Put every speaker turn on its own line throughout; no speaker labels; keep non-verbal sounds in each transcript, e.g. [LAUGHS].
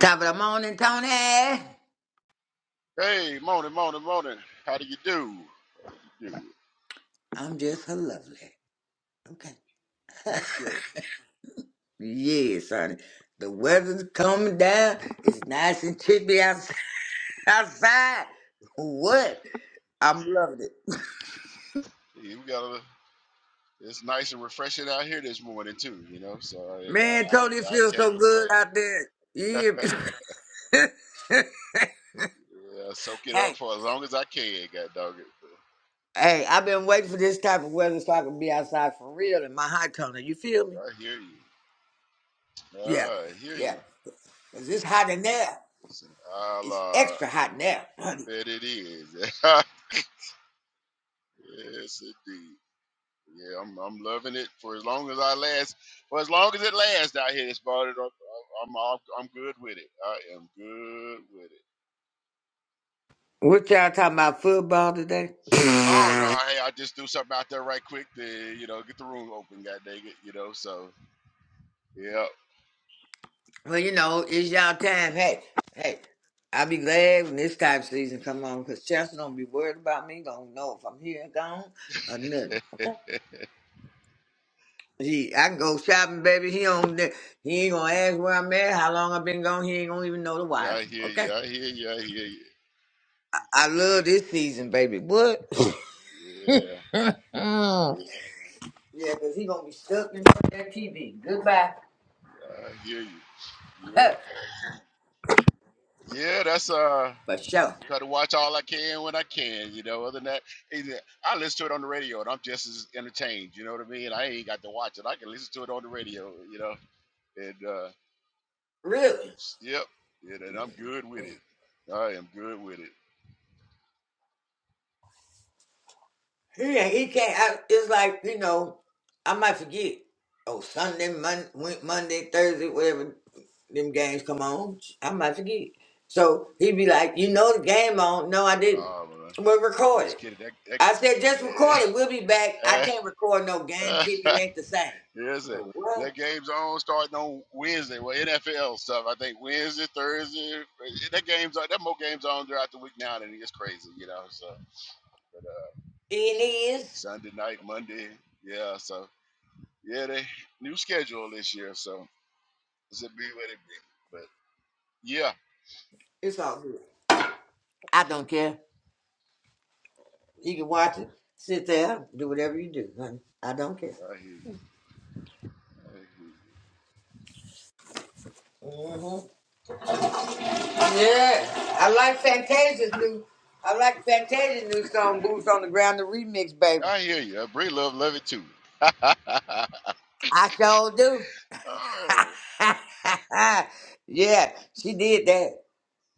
Top of the morning, Tony.
Hey, morning, morning, morning. How do you do? Do
I'm just her lovely. Okay.
that's great.
Yes, honey. The weather's coming down. It's nice and chippy outs- [LAUGHS] outside. What? I'm loving it.
Yeah, we got a. It's nice and refreshing out here this morning too. You know, so hey,
Man, Tony, it
I, I I
feels
can't
so
complain.
good out there. Yeah. [LAUGHS]
Yeah, soak it up
hey,
for as long as I can. God dog it.
hey, I've been waiting for this type of weather so I can be outside for real in my hot Tony. You feel me?
I hear you.
Yeah,
I hear
yeah.
you.
'Cause it's hot in there.
Listen, I'll,
It's extra
uh,
hot in there,
I
honey.
bet it is. [LAUGHS] yes, indeed. Yeah, I'm I'm loving it for as long as I last, for as long as it lasts out here. It's about it. I'm I'm, all- I'm good with it. I am good with it.
What y'all talking about football today?
Oh no,
well,
hey, I just do something out there right quick to you know get the room open. God dang it, you know. So yeah,
you know, it's y'all time. Hey, hey, I'll be glad when this type of season come on because Chelsea don't be worried about me. Don't know if I'm here or gone or nothing. He, I can go shopping, baby. He don't. He ain't gonna ask where I'm at, how long I've been gone. He ain't gonna even know the
I
wiser.
hear you.
Okay.
I hear you. I hear you.
I love this season, baby. What? [LAUGHS]
Yeah,
Mm. Yeah, 'cause he gonna be stuck in front of that TV. Goodbye.
I hear you. Yeah, yeah. That's uh.
[LAUGHS] For sure.
Try to watch all I can when I can, you know. Other than that, either- I listen to it on the radio, and I'm just as entertained. You know what I mean? I ain't got to watch it. I can listen to it on the radio, you know. And uh,
Really?
yep, and, and I'm good with it. I am good with it.
Yeah, he can't. I, it's like you know, I might forget. Oh, Sunday, Mon- Wed- Monday, Thursday, whatever them games come on, I might forget. So he'd be like, "You know the game on? No, I didn't.
Ah, man,
We'll
I'm
record
just
it."
kidding. That, that,
I said, "Just record it. We'll be back. I can't record no game kick. It
[LAUGHS]
ain't the same."
yes, sir.
So what?
that game's on starting on Wednesday. Well, NFL stuff. I think Wednesday, Thursday. eh, That game's on. That more games on throughout the week now, and it's crazy, you know. So but, uh,
It is.
Sunday night, Monday, yeah. So yeah, they new schedule this year. So it's a be what it be. But yeah,
It's all good. I don't care. You can watch it, sit there, do whatever you do, honey. I don't care.
I hear you. I hear you.
Mhm. Yeah, I like Fantasia's new. I like Fantasia's new song "Boots on the Ground" the remix, baby.
I hear you. Bray. love love it too. [LAUGHS]
I sure do.
oh, that's-
[LAUGHS] yeah, she did that.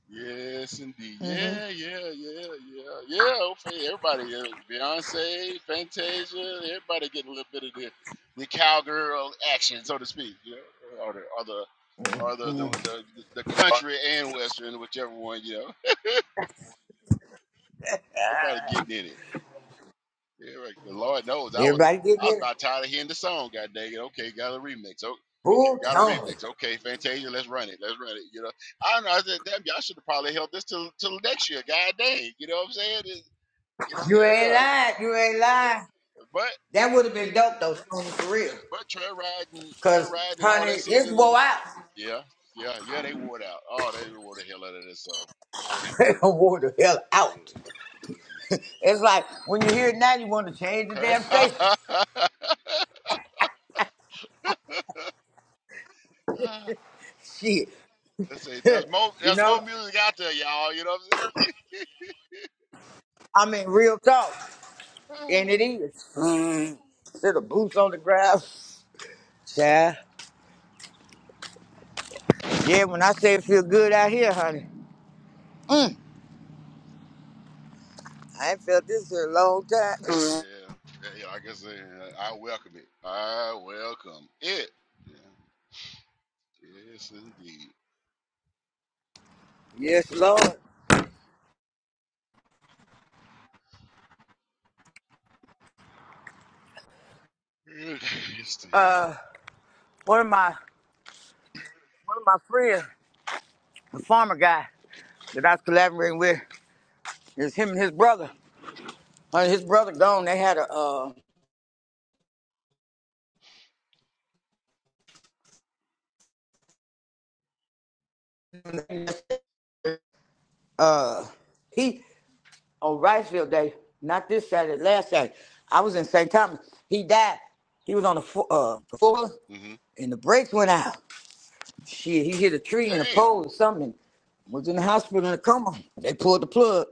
yes, indeed.
hmm
Yeah, yeah, yeah, yeah, yeah. Okay, everybody, uh, Beyonce, Fantasia, everybody getting a little bit of the the cowgirl action, so to speak. You know, or the or the or the the, the, the country and western, whichever one. You know, [LAUGHS] everybody getting in it. Yeah, right. The Lord knows, I was
Everybody
I
getting
was
in
about
it.
tired of hearing the song. God dang it. Okay, got a remix.
Ooh,
Got a
Tony,
remix. Okay, Fantasia, let's run it. Let's run it. You know, I don't know. I said, damn, y'all should have probably held this till till next year. God dang, you know what I'm saying? It-
you ain't
yeah,
lying. You ain't lying.
but
That would have been dope though, Tony, for real.
yeah, but trail riding, trail
Cause
riding, and all that
honey, it's
season.
wore out. [LAUGHS]
Yeah, yeah, yeah. They wore it out. Oh, they wore the hell out of this song.
It wore the hell
Yeah.
out.
It's-
It's like when you hear it now, you want to change the damn station.
[LAUGHS] Ah,
Shit,
Let's see. [LAUGHS] There's more.
[LAUGHS] you
There's more
know.
music out there, y'all. You know what I'm
I mean, real talk. And
saying?
it is.
[SIGHS] Let's see.
Mm, instead boots on the ground. Yeah. Yeah, when I say it feel good out here, honey. Mm, I ain't felt this in a long time. Mm.
Yeah. Hey, like I said, I welcome it. I welcome it. Yeah. Yes, indeed.
Yes, Lord.
[SIGHS] yes, indeed.
Uh, one of my one of my friends, a farmer guy that I was collaborating with, is him and his brother. Honey, his brother gone. They had a uh uh he on rice field day, not this Saturday, last Saturday. I was in St. Thomas. He died. He was on the fo- uh the floor,
Mm-hmm.
and the brakes went out. Shit, he hit a tree and a
Damn.
pole or something. Was in the hospital in a coma. They pulled the plug.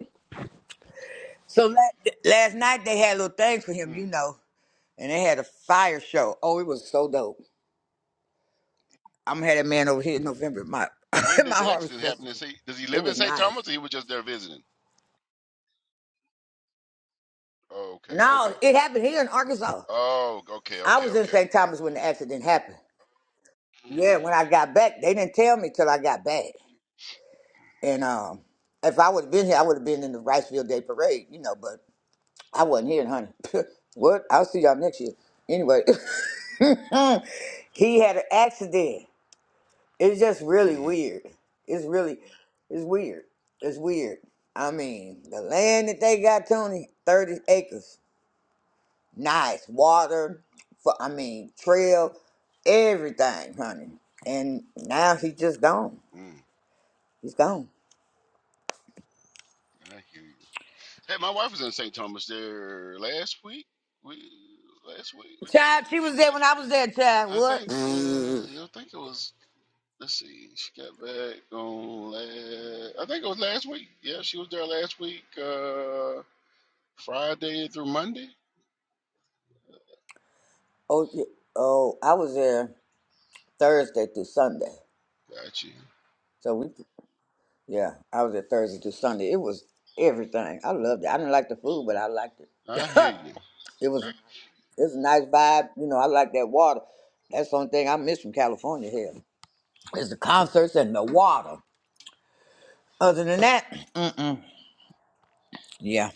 So la- last night they had a little thing for him, you
Hmm.
know, and they had a fire show. Oh, it was so dope. I'm gonna have that man over here in November at my [LAUGHS]
But When
at my
did the
harvest
accident happen? In
festival.
St. Does he
It
live in
was
St.
nice.
Thomas or he was just there visiting? Oh, okay.
No,
Okay.
it happened here in Arkansas.
Oh, okay.
I
Okay.
was in
Okay.
St. Thomas when the accident happened. Yeah,
Mm-hmm.
when I got back, they didn't tell me till I got back. And um, if I would have been here, I would have been in the Riceville Day Parade, you know. But I wasn't here, honey. [LAUGHS] what? I'll see y'all next year. Anyway, [LAUGHS] he had an accident. It's just really
Mm-hmm.
weird. It's really, it's weird. It's weird. I mean, the land that they got, Tony, 30 acres. Nice. Water, for, I mean, trail, everything, honey. And now he's just gone.
Mm.
He's gone.
I hear you. Hey, my wife was in St. Thomas there last week. We last week.
Child, she was there when I was there, child.
I
What?
think
Oh,
uh, I think it was Let's see. She got back on last. I think it was last week. Yeah, she was there last week, uh, Friday through Monday.
yeah. oh, I was there Thursday through Sunday.
Gotcha.
So we, yeah, I was there Thursday to Sunday. It was everything. I loved it. I didn't like the food, but I liked it.
I hear
[LAUGHS]
you.
it was it's a nice vibe. You know, I like that water. That's the only thing I miss from California here is the concerts and the water. Other than that, yeah,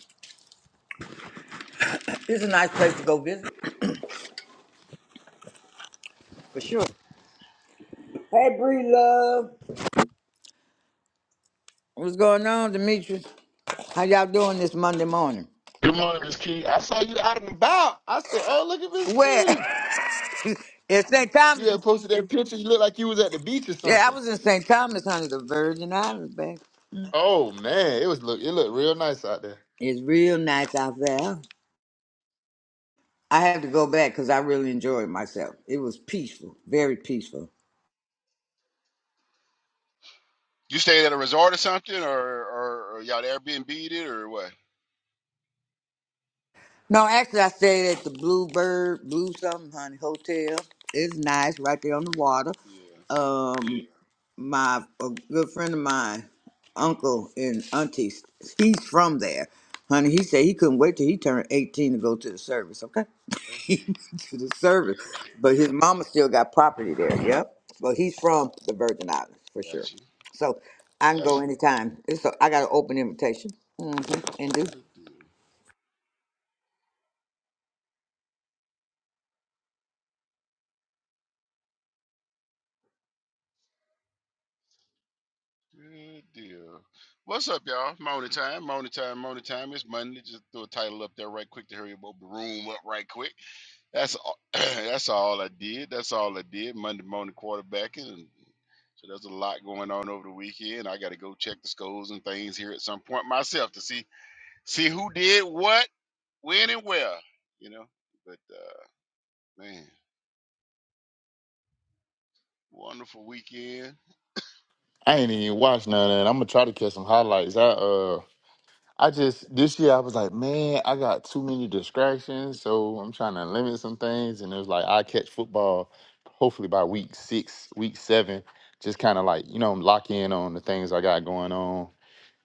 it's a nice place to go visit for sure. Hey, Bree, love, what's going on, Demetrius? How y'all doing this Monday morning?
Good morning, Miss Kitty. I saw you out and about. I said, "Oh, look at Miss Kitty."
Where? [LAUGHS] in St.
You
Thomas.
had posted that picture. You looked like you was at the beach or
Yeah, I
something.
was in St. Thomas, honey, the Virgin Islands, baby.
Oh man, it was look. It looked real nice out there.
It's real nice out there. I had to go back because I really enjoyed myself. It was peaceful, very peaceful.
You stayed at a resort or something, or or, or y'all Airbnb'd it or what?
No, actually, I stayed at the Bluebird, Blue something, honey, hotel. It's nice right there on the water.
Yeah,
Um, my a good friend of mine, uncle and auntie, he's from there, honey. He said he couldn't wait till he turned eighteen to go to the service. Okay,
I
[LAUGHS]
hear
he
you.
went to the service, but his mama still got property there. Yep, but he's from the Virgin Islands for sure.
Gotcha.
So I can go anytime. It's a, I got an open invitation. Mm-hmm. And do
Good deal. Good deal. What's up, y'all? Morning time, morning time, morning time. It's Monday. Just throw a title up there right quick to hurry up, open the room up right quick. That's all, [CLEARS THROAT] that's all I did. That's all I did. Monday morning quarterbacking, and so there's a lot going on over the weekend. I got to go check the scores and things here at some point myself to see see who did what, when, and where. You know, but uh, man, wonderful weekend.
I ain't even watched none of that. I'm gonna try to catch some highlights. I uh, I just this year I was like, man, I got too many distractions, so I'm trying to limit some things. And it was like I catch football, hopefully by week six, week seven, just kind of like you know lock in on the things I got going on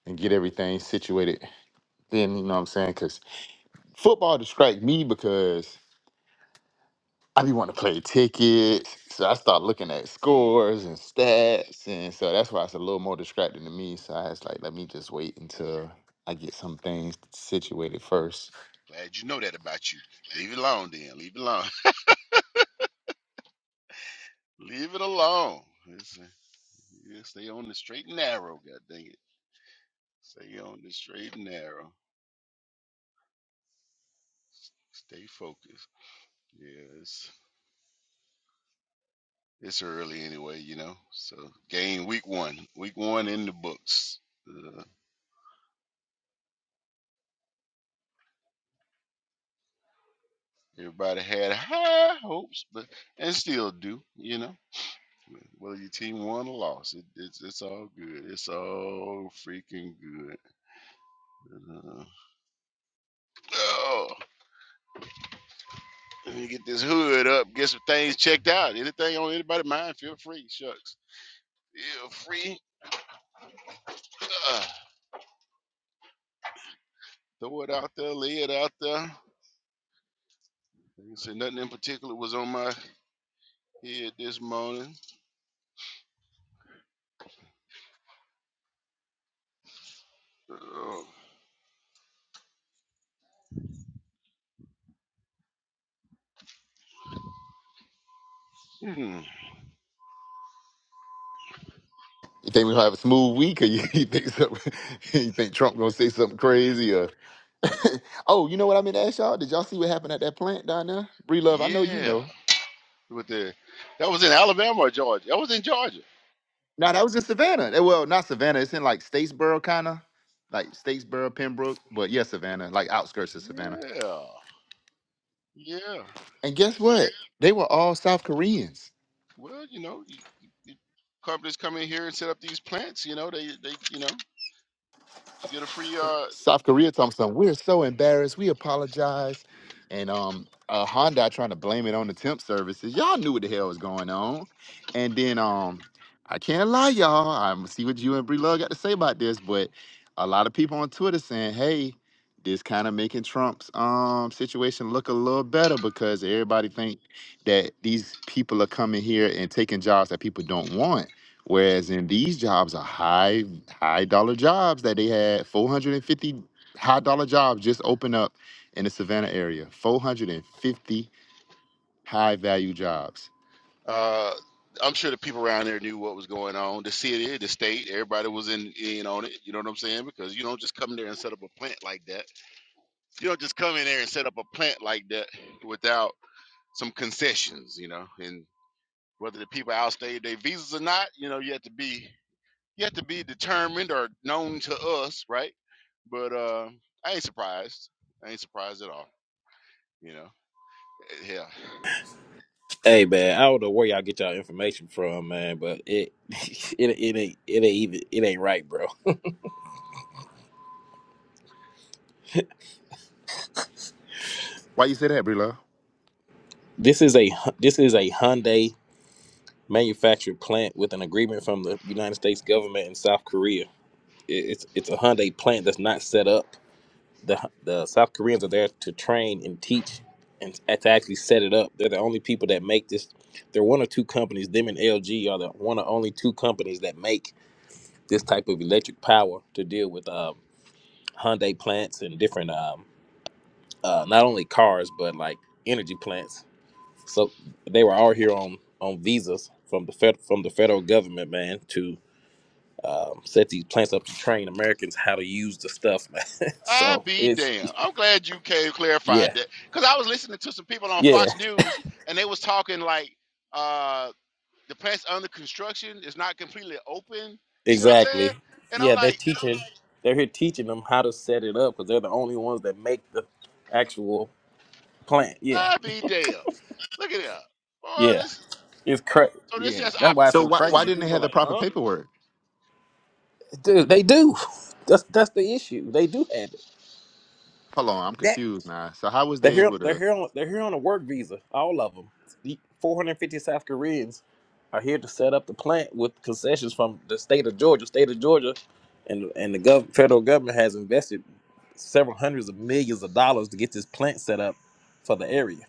and get everything situated. Then you know what I'm saying, 'cause football distract me because I be wanting to play tickets. So I start looking at
Mm,
scores and stats. And so that's why it's a little more distracting to me. So I was like, let me just wait until I get some things situated first.
glad you know that about you. Leave it alone, then. Leave it alone. [LAUGHS] Leave it alone. It's, uh, yeah, stay on the straight and narrow. God dang it. Stay on the straight and narrow. Stay focused. Yes. It's early anyway, you know. So game week one, week one in the books. Uh, everybody had high hopes, but and still do, you know. Whether your team won or lost, it, it's it's all good. It's all freaking good. Uh, oh, let me get this hood up, get some things checked out. Anything on anybody mind? Feel free, shucks. Feel free. Uh, throw it out there, lay it out there. Like I said, nothing in particular was on my head this morning. Oh Hmm,
You think we gonna have a smooth week or you, [LAUGHS] you think something, [LAUGHS] you think Trump gonna say something crazy or [LAUGHS] oh, you know what I meant to ask y'all? Did y'all see what happened at that plant down there? Bree Love, I know you
yeah,
know.
with the that was in Alabama or Georgia. That was in Georgia.
No, that was in Savannah. Eh, Well, not Savannah. It's in like Statesboro, kind of like Statesboro, Pembroke. But yeah, Savannah, like outskirts of Savannah.
Yeah, yeah.
And guess what? They were all South Koreans.
Well, you know, you, you, companies come in here and set up these plants. You know, they they you know they get a free. Uh,
South Korea told me something. We're so embarrassed. We apologize. And um, uh, Honda trying to blame it on the temp services. Y'all knew what the hell was going on. And then um, I can't lie, y'all. I'm see what you and Bree Love got to say about this, but a lot of people on Twitter saying, "Hey, this kind of making Trump's um situation look a little better because everybody think that these people are coming here and taking jobs that people don't want." Whereas in these jobs are high high dollar jobs that they had 450 high dollar jobs just open up in the Savannah area. 450 high value jobs.
uh, I'm sure the people around there knew what was going on. The city, the state, everybody was in in on it. You know what I'm saying? Because you don't just come there and set up a plant like that. You don't just come in there and set up a plant like that without some concessions. You know, and Whether the people outstayed their visas or not, you know, you have to be you have to be determined or known to us, right? But uh, I ain't surprised. I ain't surprised at all. You know, yeah.
Hey man, I don't know where y'all get y'all information from, man, but it [LAUGHS] it it ain't it ain't even it ain't right, bro.
Why you say that, Brila?
This is a Hy- this is a Hyundai manufactured plant with an agreement from the United States government and South Korea. It, it's it's a Hyundai plant that's not set up. The Hy- the South Koreans are there to train and teach and to actually set it up. They're the only people that make this. They're one or two companies. Them and LG are the one of only two companies that make this type of electric power to deal with. uh, Hyundai plants and different um uh not only cars but like energy plants. So they were all here on on visas from the fed from the federal government, man, to um, set these plants up to train Americans how to use the stuff, [LAUGHS] man.
I
so
be
it's
damn. I'm glad you came clarified
yeah,
that because I was listening to some people on
yeah,
Fox News and they was talking like uh the plants under construction is not completely open. You see what I'm saying?
exactly.
And I'm
Yeah, they're
like,
teaching. They're here teaching them how to set it up because they're the only ones that make the actual plant. Yeah,
I be damn. Look at that. Oh,
yeah,
this is
it's crazy.
so. This
Yeah,
just
that's why it's
So
optics.
so
why
It's
why
crazy.
didn't they
People are
have the
like,
proper
huh?
paperwork?
Dude, they do. That's that's the issue. They do have it.
Hold on, I'm
that.
confused now. So how was
They're
they
here.
able
They're
to
here. On, they're here on a work visa. All of them. The 450 South Koreans are here to set up the plant with concessions from the state of Georgia. State of Georgia, and and the gov- federal government has invested several hundreds of millions of dollars to get this plant set up for the area.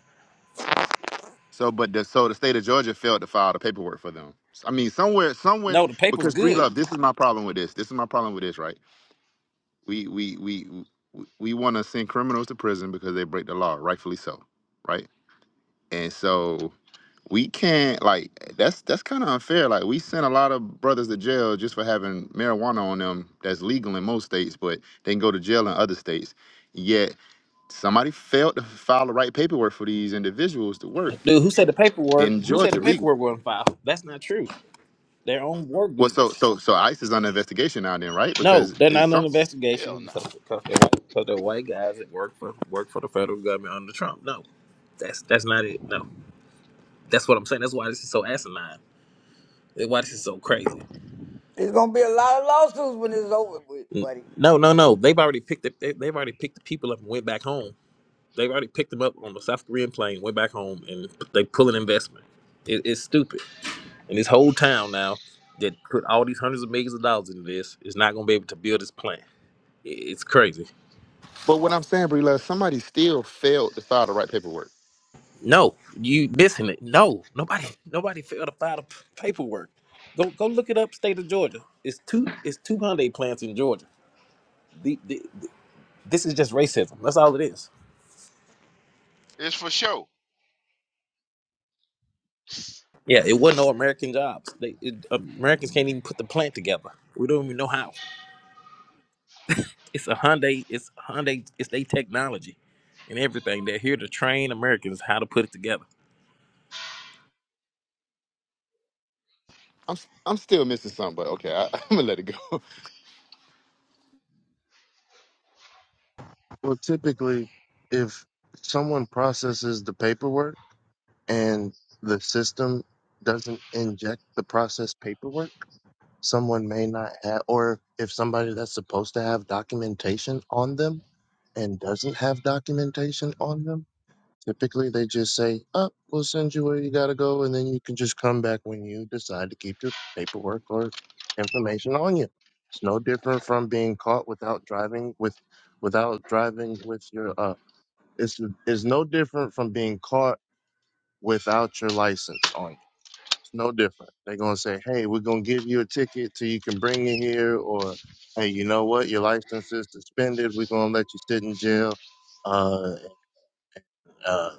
so but the so the state of Georgia failed to file the paperwork for them. I mean somewhere somewhere
No, the paper's
because Bree
good,
Love, this is my problem with this. This is my problem with this, right? we we we we, we want to send criminals to prison because they break the law, rightfully so, right? And so we can't like that's that's kind of unfair. Like we send a lot of brothers to jail just for having marijuana on them that's legal in most states, but they can go to jail in other states. Yet somebody failed to file the right paperwork for these individuals to work
dude. Who said the paperwork?
in
Who said the
Georgia legal.
paperwork wasn't filed? That's not true. They're on work
Well, so
visas.
so so ICE is under investigation now, then, right?
No,
Because
they're
it's
not an
some.
investigation
hell
because,
no.
because, they're, white- because they're white guys that work for work for the federal government under Trump. No, that's that's not it. No, that's what I'm saying. That's why this is so asinine. That's why this is so crazy.
There's gonna be a lot of lawsuits when it's over with, buddy.
No, no, no. They've already picked the, they, they've already picked the people up and went back home. They've already picked them up on the South Korean plane, went back home, and they pull an investment. It, it's stupid. And this whole town now that put all these hundreds of millions of dollars into this is not going to be able to build this plant. It- it's crazy.
But what I'm saying, Brila, somebody still failed to file the right paperwork
No, you missing it. No, nobody, nobody failed to file the p- paperwork. Go, go look it up. State of Georgia. It's two. It's two Hyundai plants in Georgia. The, the, the- this is just racism. That's all it is.
It's for show.
Yeah, it wasn't no American jobs. They it, Americans can't even put the plant together. We don't even know how. It's a Hyundai. It's Hyundai. It's their technology and everything. They're here to train Americans how to put it together.
I'm s- I'm still missing something, but okay, I, [LAUGHS] I'm gonna let it go.
Well, typically, if someone processes the paperwork and the system doesn't inject the processed paperwork, someone may not have, or if somebody that's supposed to have documentation on them and doesn't have documentation on them, typically they just say, oh, we'll send you where you got to go, and then you can just come back when you decide to keep your paperwork or information on you. It's no different from being caught without driving with without driving with your uh. It's it's no different from being caught without your license on you. It's no different. They're gonna say, "Hey, we're gonna give you a ticket till you can bring it here," or "Hey, you know what? Your license is suspended. We're gonna let you sit in jail. Uh, uh,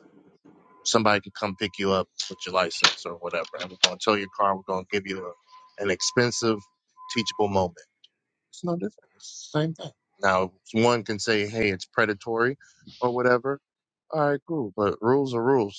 somebody can come pick you up with your license or whatever, and we're gonna tow your car. We're gonna give you a, an expensive teachable moment. It's no different. It's the same thing. Now, one can say, "Hey, it's predatory," or whatever. All right, cool. But rules are rules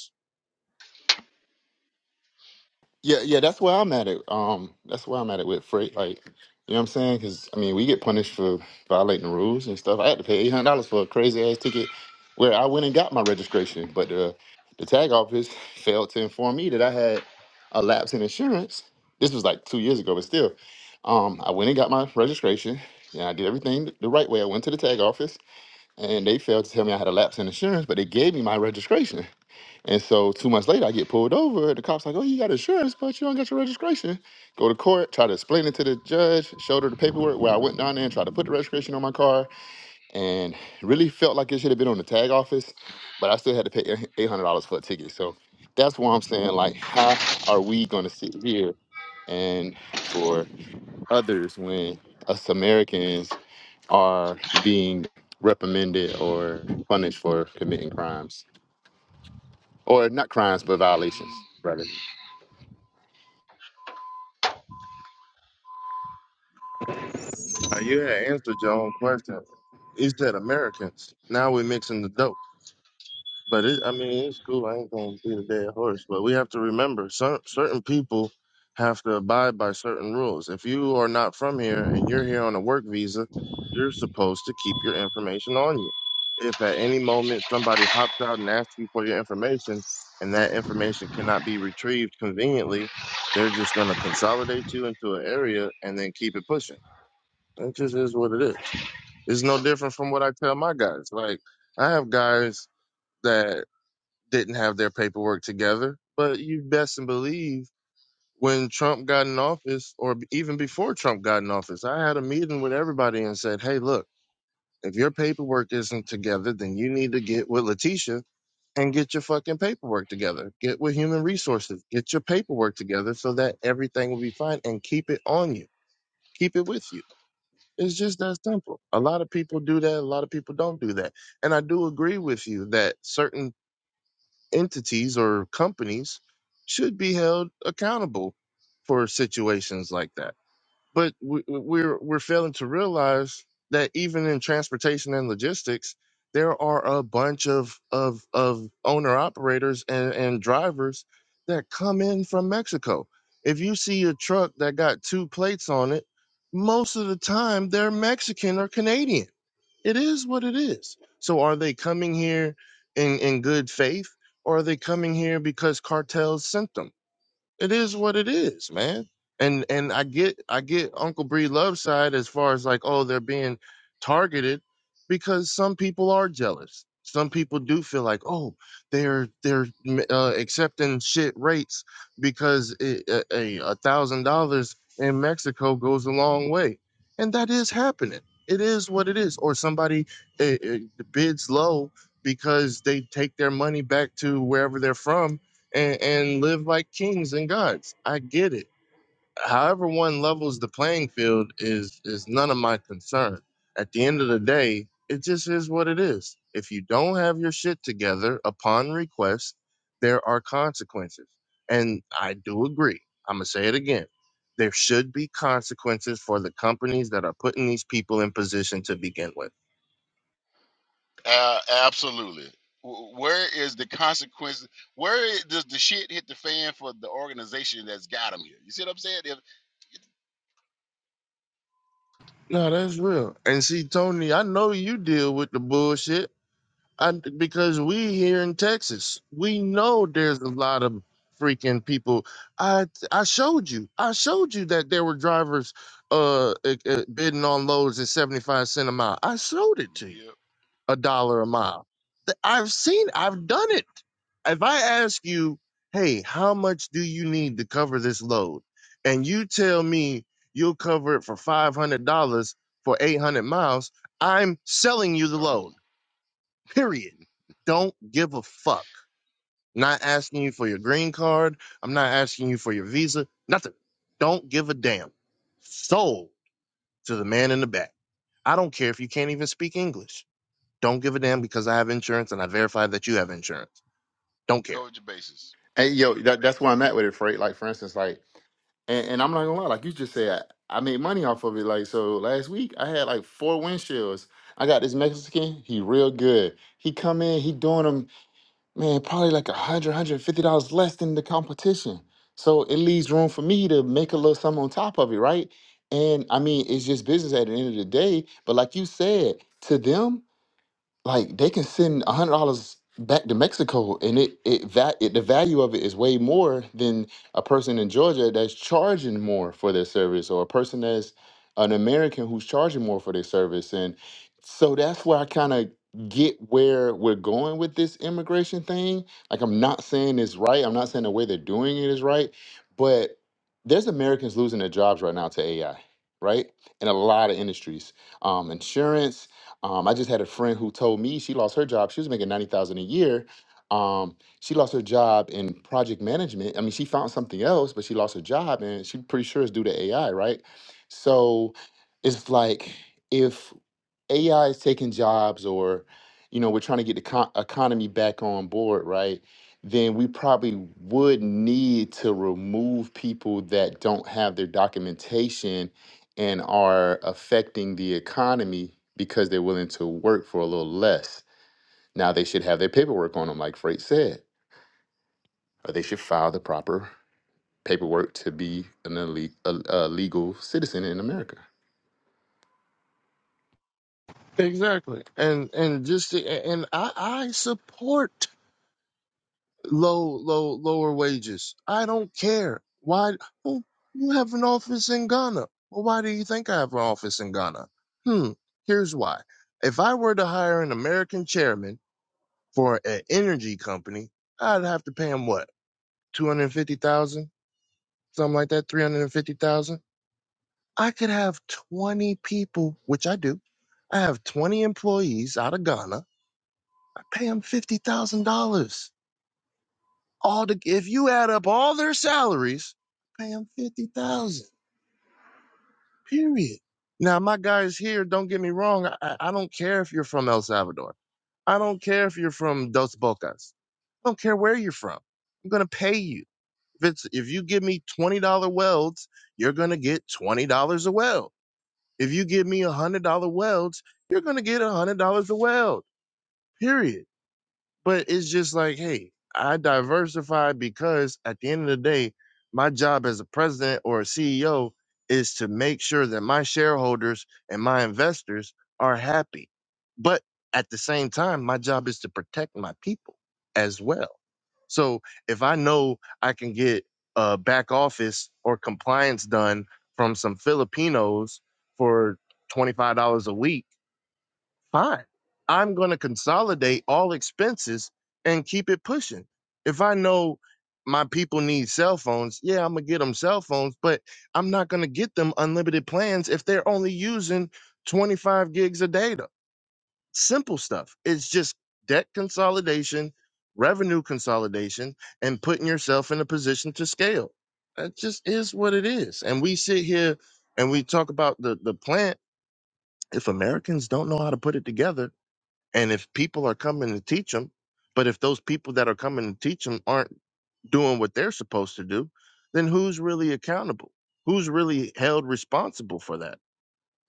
[LAUGHS] yeah, yeah, that's where I'm at it. Um, that's where I'm at it with freight. Like, you know what I'm saying? Because I mean, we get punished for violating the rules and stuff. I had to pay eight hundred dollars for a crazy ass ticket, where I went and got my registration, but the the tag office [LAUGHS] failed to inform me that I had a lapse in insurance. This was like two years ago, but still, um, I went and got my registration. Yeah, I did everything the right way. I went to the tag office, and they failed to tell me I had a lapse in insurance, but they gave me my registration. And so two months later, I get pulled over. The cop's like, "Oh, you got insurance, but you don't got your registration." Go to court, try to explain it to the judge, showed her the paperwork where I went down there and tried to put the registration on my car, and really felt like it should have been on the tag office, but I still had to pay eight hundred dollars for a ticket. So that's why I'm saying, like, how are we going to sit here and for others when us Americans are being reprimanded or punished for committing crimes? or not crimes but violations rather
Now, you had answered your own question. You said Americans. Now we're mixing the dope. But it, I mean, it's cool. I ain't gonna be the dead horse. But we have to remember, cer certain people have to abide by certain rules. If you are not from here and you're here on a work visa, you're supposed to keep your information on you. If at any moment somebody hops out and asks you for your information, and that information cannot be retrieved conveniently, they're just gonna consolidate you into an area and then keep it pushing. It just is what it is. It's no different from what I tell my guys. Like I have guys that didn't have their paperwork together, but you best and believe when Trump got in office, or even before Trump got in office, I had a meeting with everybody and said, "Hey, look, if your paperwork isn't together, then you need to get with Letitia and get your fucking paperwork together. Get with Human Resources, get your paperwork together, so that everything will be fine, and keep it on you, keep it with you." It's just that simple. A lot of people do that. A lot of people don't do that. And I do agree with you that certain entities or companies should be held accountable for situations like that but we, we're we're failing to realize that even in transportation and logistics, there are a bunch of of of owner operators and and drivers that come in from Mexico. If you see a truck that got two plates on it, most of the time they're Mexican or Canadian. It is what it is. So are they coming here in in good faith, or are they coming here because cartels sent them? it is what it is, man. And and I get I get Uncle Bree Love's side as far as like, oh, they're being targeted because some people are jealous. Some people do feel like, oh, they're they're m- uh, accepting shit rates because it, a a- a thousand dollars in Mexico goes a long way, and that is happening. It is what it is. Or somebody uh uh bids low because they take their money back to wherever they're from and, and live like kings and gods. I get it. However, one levels the playing field is is none of my concern. At the end of the day, it just is what it is. If you don't have your shit together upon request, there are consequences. And I do agree. I'm gonna say it again. There should be consequences for the companies that are putting these people in position to begin with.
Uh, absolutely. W- Where is the consequence? Where i- does the shit hit the fan for the organization that's got them here? You see what I'm saying? If,
No, that's real. And see, Tony, I know you deal with the bullshit. And because we here in Texas, we know there's a lot of freaking people. I I showed you. I showed you that there were drivers uh, uh uh, bidding on loads at 75 cent a mile. I showed it to you.
yep,
A dollar a mile. Th- I've seen I've done it. If I ask you, "Hey, how much do you need to cover this load?" and you tell me you'll cover it for $500 for 800 miles, I'm selling you the
gone.
load. Period. Don't give a fuck. Not asking you for your green card. I'm not asking you for your visa. Nothing. Don't give a damn. Sold to the man in the back. I don't care if you can't even speak English. Don't give a damn because I have insurance and I verify that you have insurance. Don't care.
Cover your bases.
and yo that, that's where i'm at with it freight like for instance like and, and i'm not gonna lie like you just said I, I made money off of it like so last week i had like four windshields i got this mexican he real good he come in he doing them man probably like a hundred hundred fifty dollars less than the competition so it leaves room for me to make a little something on top of it right and i mean it's just business at the end of the day but like you said to them like they can send a hundred dollars back to Mexico, and it it that it, the value of it is way more than a person in Georgia that's charging more for their service, or a person that's an American who's charging more for their service, and so that's where I kind of get where we're going with this immigration thing. Like I'm not saying it's right. I'm not saying the way they're doing it is right, but there's Americans losing their jobs right now to AI, right? In a lot of industries, um, insurance um, I just had a friend who told me she lost her job. She was making ninety thousand a year. Um, she lost her job in project management. I mean, she found something else, but she lost her job, and she's pretty sure it's due to AI, right? So it's like if AI is taking jobs or you know we're trying to get the co- economy back on board, right? Then we probably would need to remove people that don't have their documentation and are affecting the economy because they're willing to work for a little less. Now they should have their paperwork on them, like Freight said, or they should file the proper paperwork to be an elite, a, a legal citizen in America.
Exactly. And and just and I, I support low, low, lower wages. I don't care. Why? Well, you have an office in Ghana. Well, why do you think I have an office in Ghana? Hmm. Here's why. If I were to hire an American chairman for an energy company, I'd have to pay him what, two hundred fifty thousand, something like that, three hundred fifty thousand. I could have twenty people, which I do. I have twenty employees out of Ghana. I pay them fifty thousand dollars All the if you add up all their salaries, pay them fifty thousand. Period. Now my guys here, don't get me wrong. I, I I don't care if you're from El Salvador. I don't care if you're from Dos Bocas. I don't care where you're from. I'm gonna pay you. If it's if you give me twenty dollar welds, you're gonna get twenty dollars a weld. If you give me a hundred dollar welds, you're gonna get a hundred dollars a weld. Period. But it's just like, hey, I diversified because at the end of the day, my job as a president or a CEO is to make sure that my shareholders and my investors are happy. But at the same time, my job is to protect my people as well. So if I know I can get uh, back office or compliance done from some Filipinos for $25 a week, fine. I'm going to consolidate all expenses and keep it pushing. If I know my people need cell phones, yeah, I'm going to get them cell phones, but I'm not going to get them unlimited plans if they're only using 25 gigs of data. Simple stuff. It's just debt consolidation, revenue consolidation, and putting yourself in a position to scale. That just is what it is. And we sit here and we talk about the, the plant. If Americans don't know how to put it together, and if people are coming to teach them, but if those people that are coming to teach them aren't doing what they're supposed to do, then who's really accountable? Who's really held responsible for that?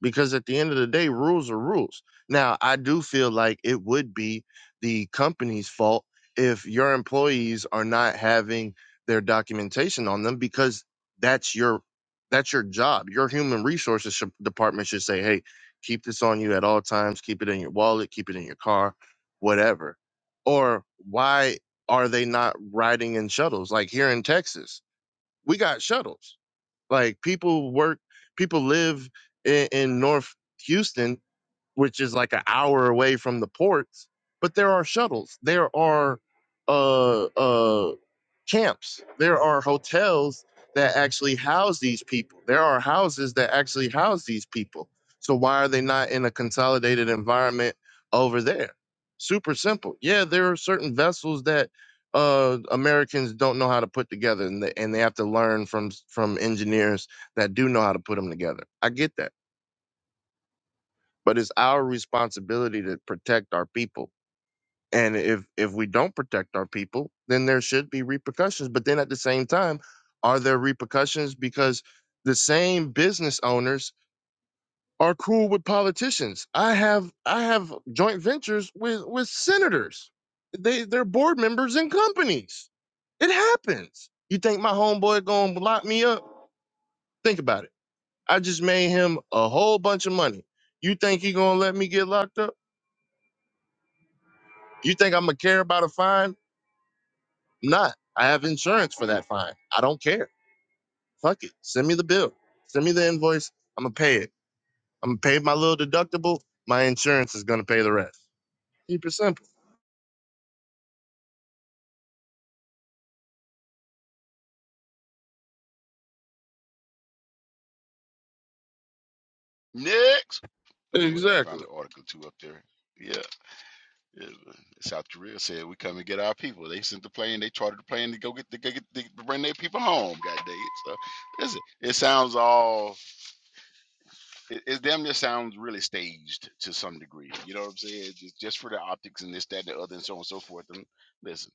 because at the end of the day, rules are rules. Now, I do feel like it would be the company's fault if your employees are not having their documentation on them because that's your that's your job. Your human resources should, department should say, "Hey, keep this on you at all times. Keep it in your wallet. Keep it in your car, whatever." Or why are they not riding in shuttles? Like here in Texas, we got shuttles like people work, people live in, in North Houston, which is like an hour away from the ports, but there are shuttles. There are uh, uh, camps. There are hotels that actually house these people. There are houses that actually house these people. So why are they not in a consolidated environment over there? Super simple. Yeah, there are certain vessels that uh, Americans don't know how to put together, and they, and they have to learn from from engineers that do know how to put them together. I get that, but it's our responsibility to protect our people and if if we don't protect our people, then there should be repercussions. But then at the same time, are there repercussions because the same business owners are cool with politicians? I have I have joint ventures with with senators. They they're board members in companies. It happens. You think my homeboy gonna lock me up? Think about it. I just made him a whole bunch of money. You think he gonna let me get locked up? You think I'm gonna care about a fine? I'm not. I have insurance for that fine. I don't care. Fuck it. Send me the bill. Send me the invoice. I'm gonna pay it. I'm gonna pay my little deductible. My insurance is gonna pay the rest. Keep it simple.
Next. Anyway, I found
Exactly.
the article too up there. Yeah, yeah, South Korea said we come and get our people. They sent the plane. They chartered the plane to go get to go get to bring their people home. God dang it! So listen, it sounds all it, it damn near sounds really staged to some degree. You know what I'm saying? Just, just for the optics and this, that, and the other, and so on and so forth. And listen,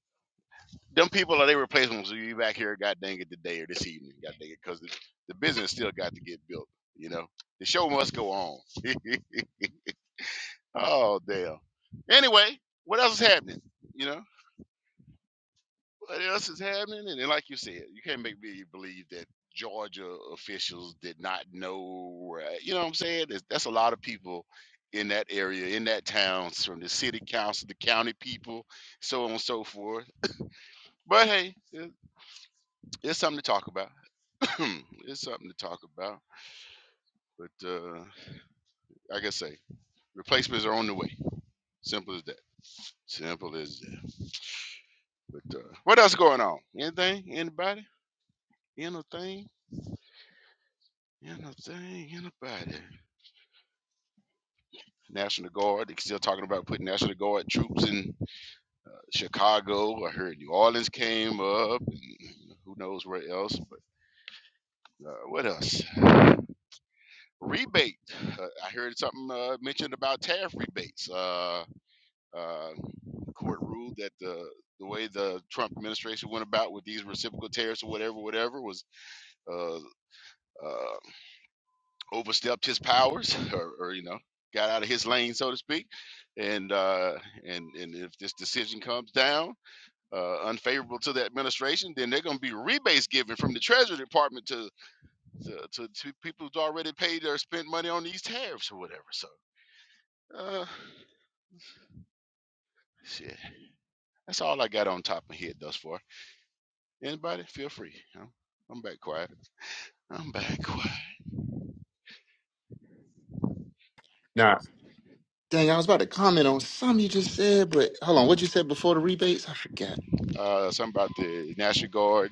them people are they replacements. will be back here, god dang it, today or this evening, god dang it, because the, the business still got to get built. You know, the show must go on. Oh damn. Anyway, what else is happening? You know. what else is happening? And then, like you said, you can't make me believe that Georgia officials did not know. uh, You know what I'm saying? That's, that's a lot of people in that area, in that town, from the city council, the county people, so on and so forth. But hey, it, it's something to talk about. [CLEARS THROAT] it's something to talk about. But uh, like I say, replacements are on the way. Simple as that. Simple as that. But uh, what else going on? Anything? Anybody? Anything? Anything? Anybody? National Guard. They're still talking about putting National Guard troops in uh, Chicago. I heard New Orleans came up, and who knows where else. But uh, what else? Rebate. Uh, I heard something uh, mentioned about tariff rebates. Uh, uh, court ruled that the the way the Trump administration went about with these reciprocal tariffs or whatever, whatever, was uh, uh, overstepped his powers, [LAUGHS] or, or you know, got out of his lane, so to speak. And uh, and and if this decision comes down. uh, unfavorable to the administration, then they're going to be rebates given from the Treasury Department to to, to, to people who's already paid or spent money on these tariffs or whatever. So, uh, shit, that's all I got on top of my head thus far. Anybody, feel free. I'm, I'm back quiet. I'm back quiet.
Dang, I was about to comment on something you just said, but hold on, what you said before the rebates? I forgot.
Uh, something about the National Guard,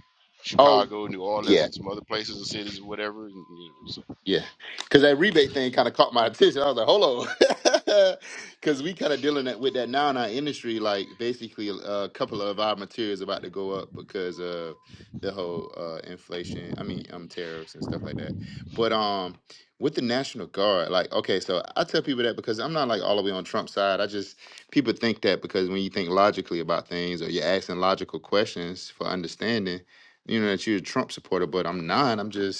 Oh,
Chicago, New Orleans,
yeah.
and some other places and cities, or whatever. And, you know,
Yeah, because that rebate thing kind of caught my [LAUGHS] attention. I was like, hold on, [LAUGHS] because we kind of dealing that, with that now in our industry. Like basically, uh, a couple of our materials about to go up because of the whole uh, inflation. I mean, um, tariffs and stuff like that. But um, with the National Guard, like, okay, so I tell people that because I'm not like all the way on Trump's side. I just people think that because when you think logically about things or you're asking logical questions for understanding, you know that you're a Trump supporter. But I'm not. I'm just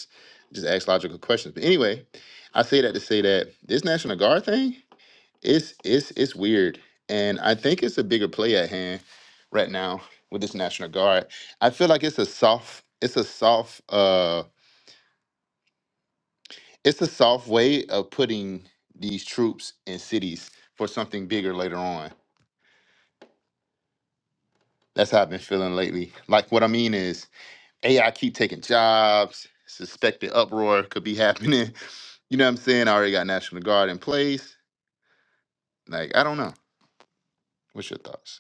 just ask logical questions. But anyway, I say that to say that this National Guard thing, it's it's it's weird. And I think it's a bigger play at hand right now with this National Guard. I feel like it's a soft, it's a soft, uh it's a soft way of putting these troops in cities for something bigger later on. That's how I've been feeling lately. Like what I mean is AI keep taking jobs, suspected uproar could be happening. [LAUGHS] You know what I'm saying? I already got National Guard in place. Like, I don't know. What's your thoughts?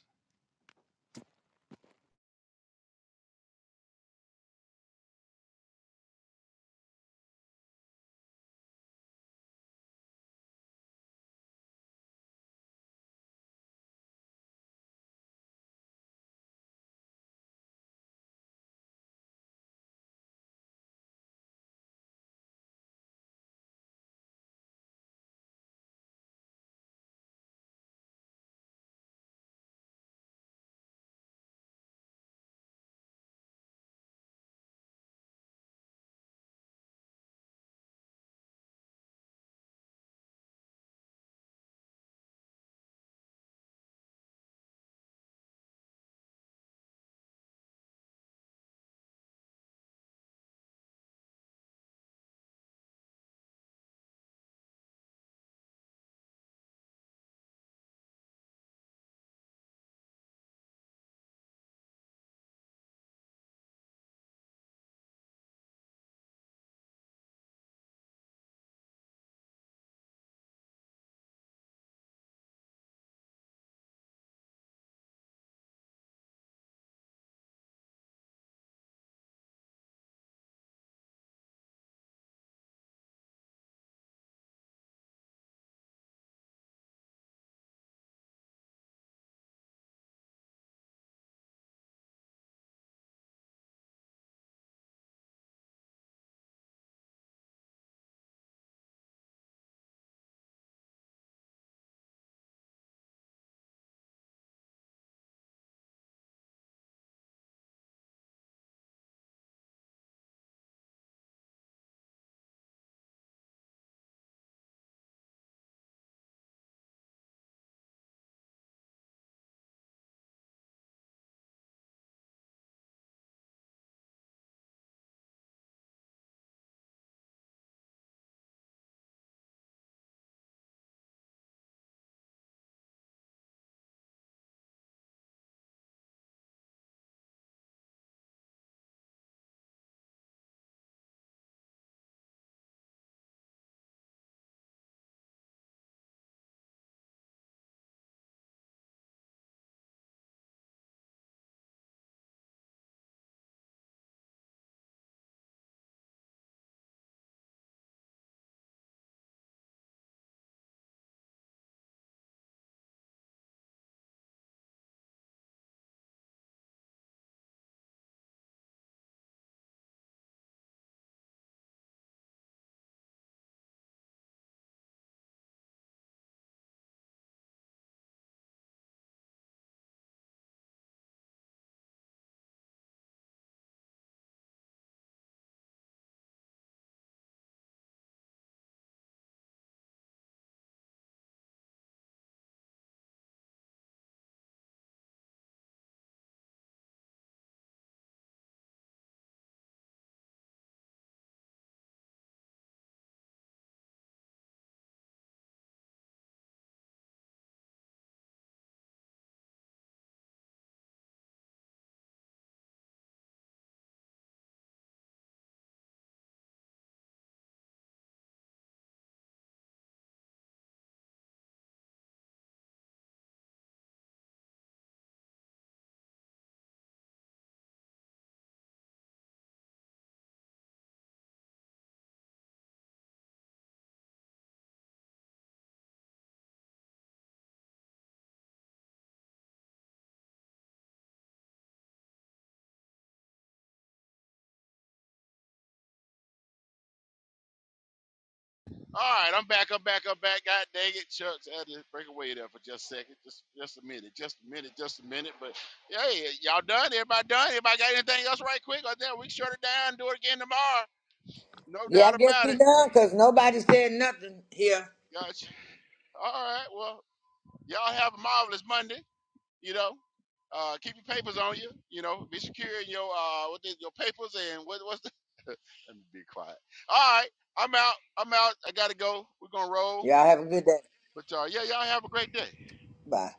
All right, I'm back. I'm back. I'm back. God dang it, Chuck! I had to break away there for just a second, just just a minute, just a minute, just a minute. But hey, y'all done? Everybody done? Everybody got anything else right quick? Or then we shut it down, do it again tomorrow. No
Yeah, I
doubt
guess
about
we
it.
done because nobody said nothing here.
Gotcha. All right. Well, y'all have a marvelous Monday. You know, uh, keep your papers on you. You know, be secure in your uh, what is your papers and what, what's the. [LAUGHS] Let me be quiet. All right, I'm out. I'm out. I gotta go. We're gonna roll.
Y'all have a good day.
But uh, yeah, y'all have a great day.
Bye.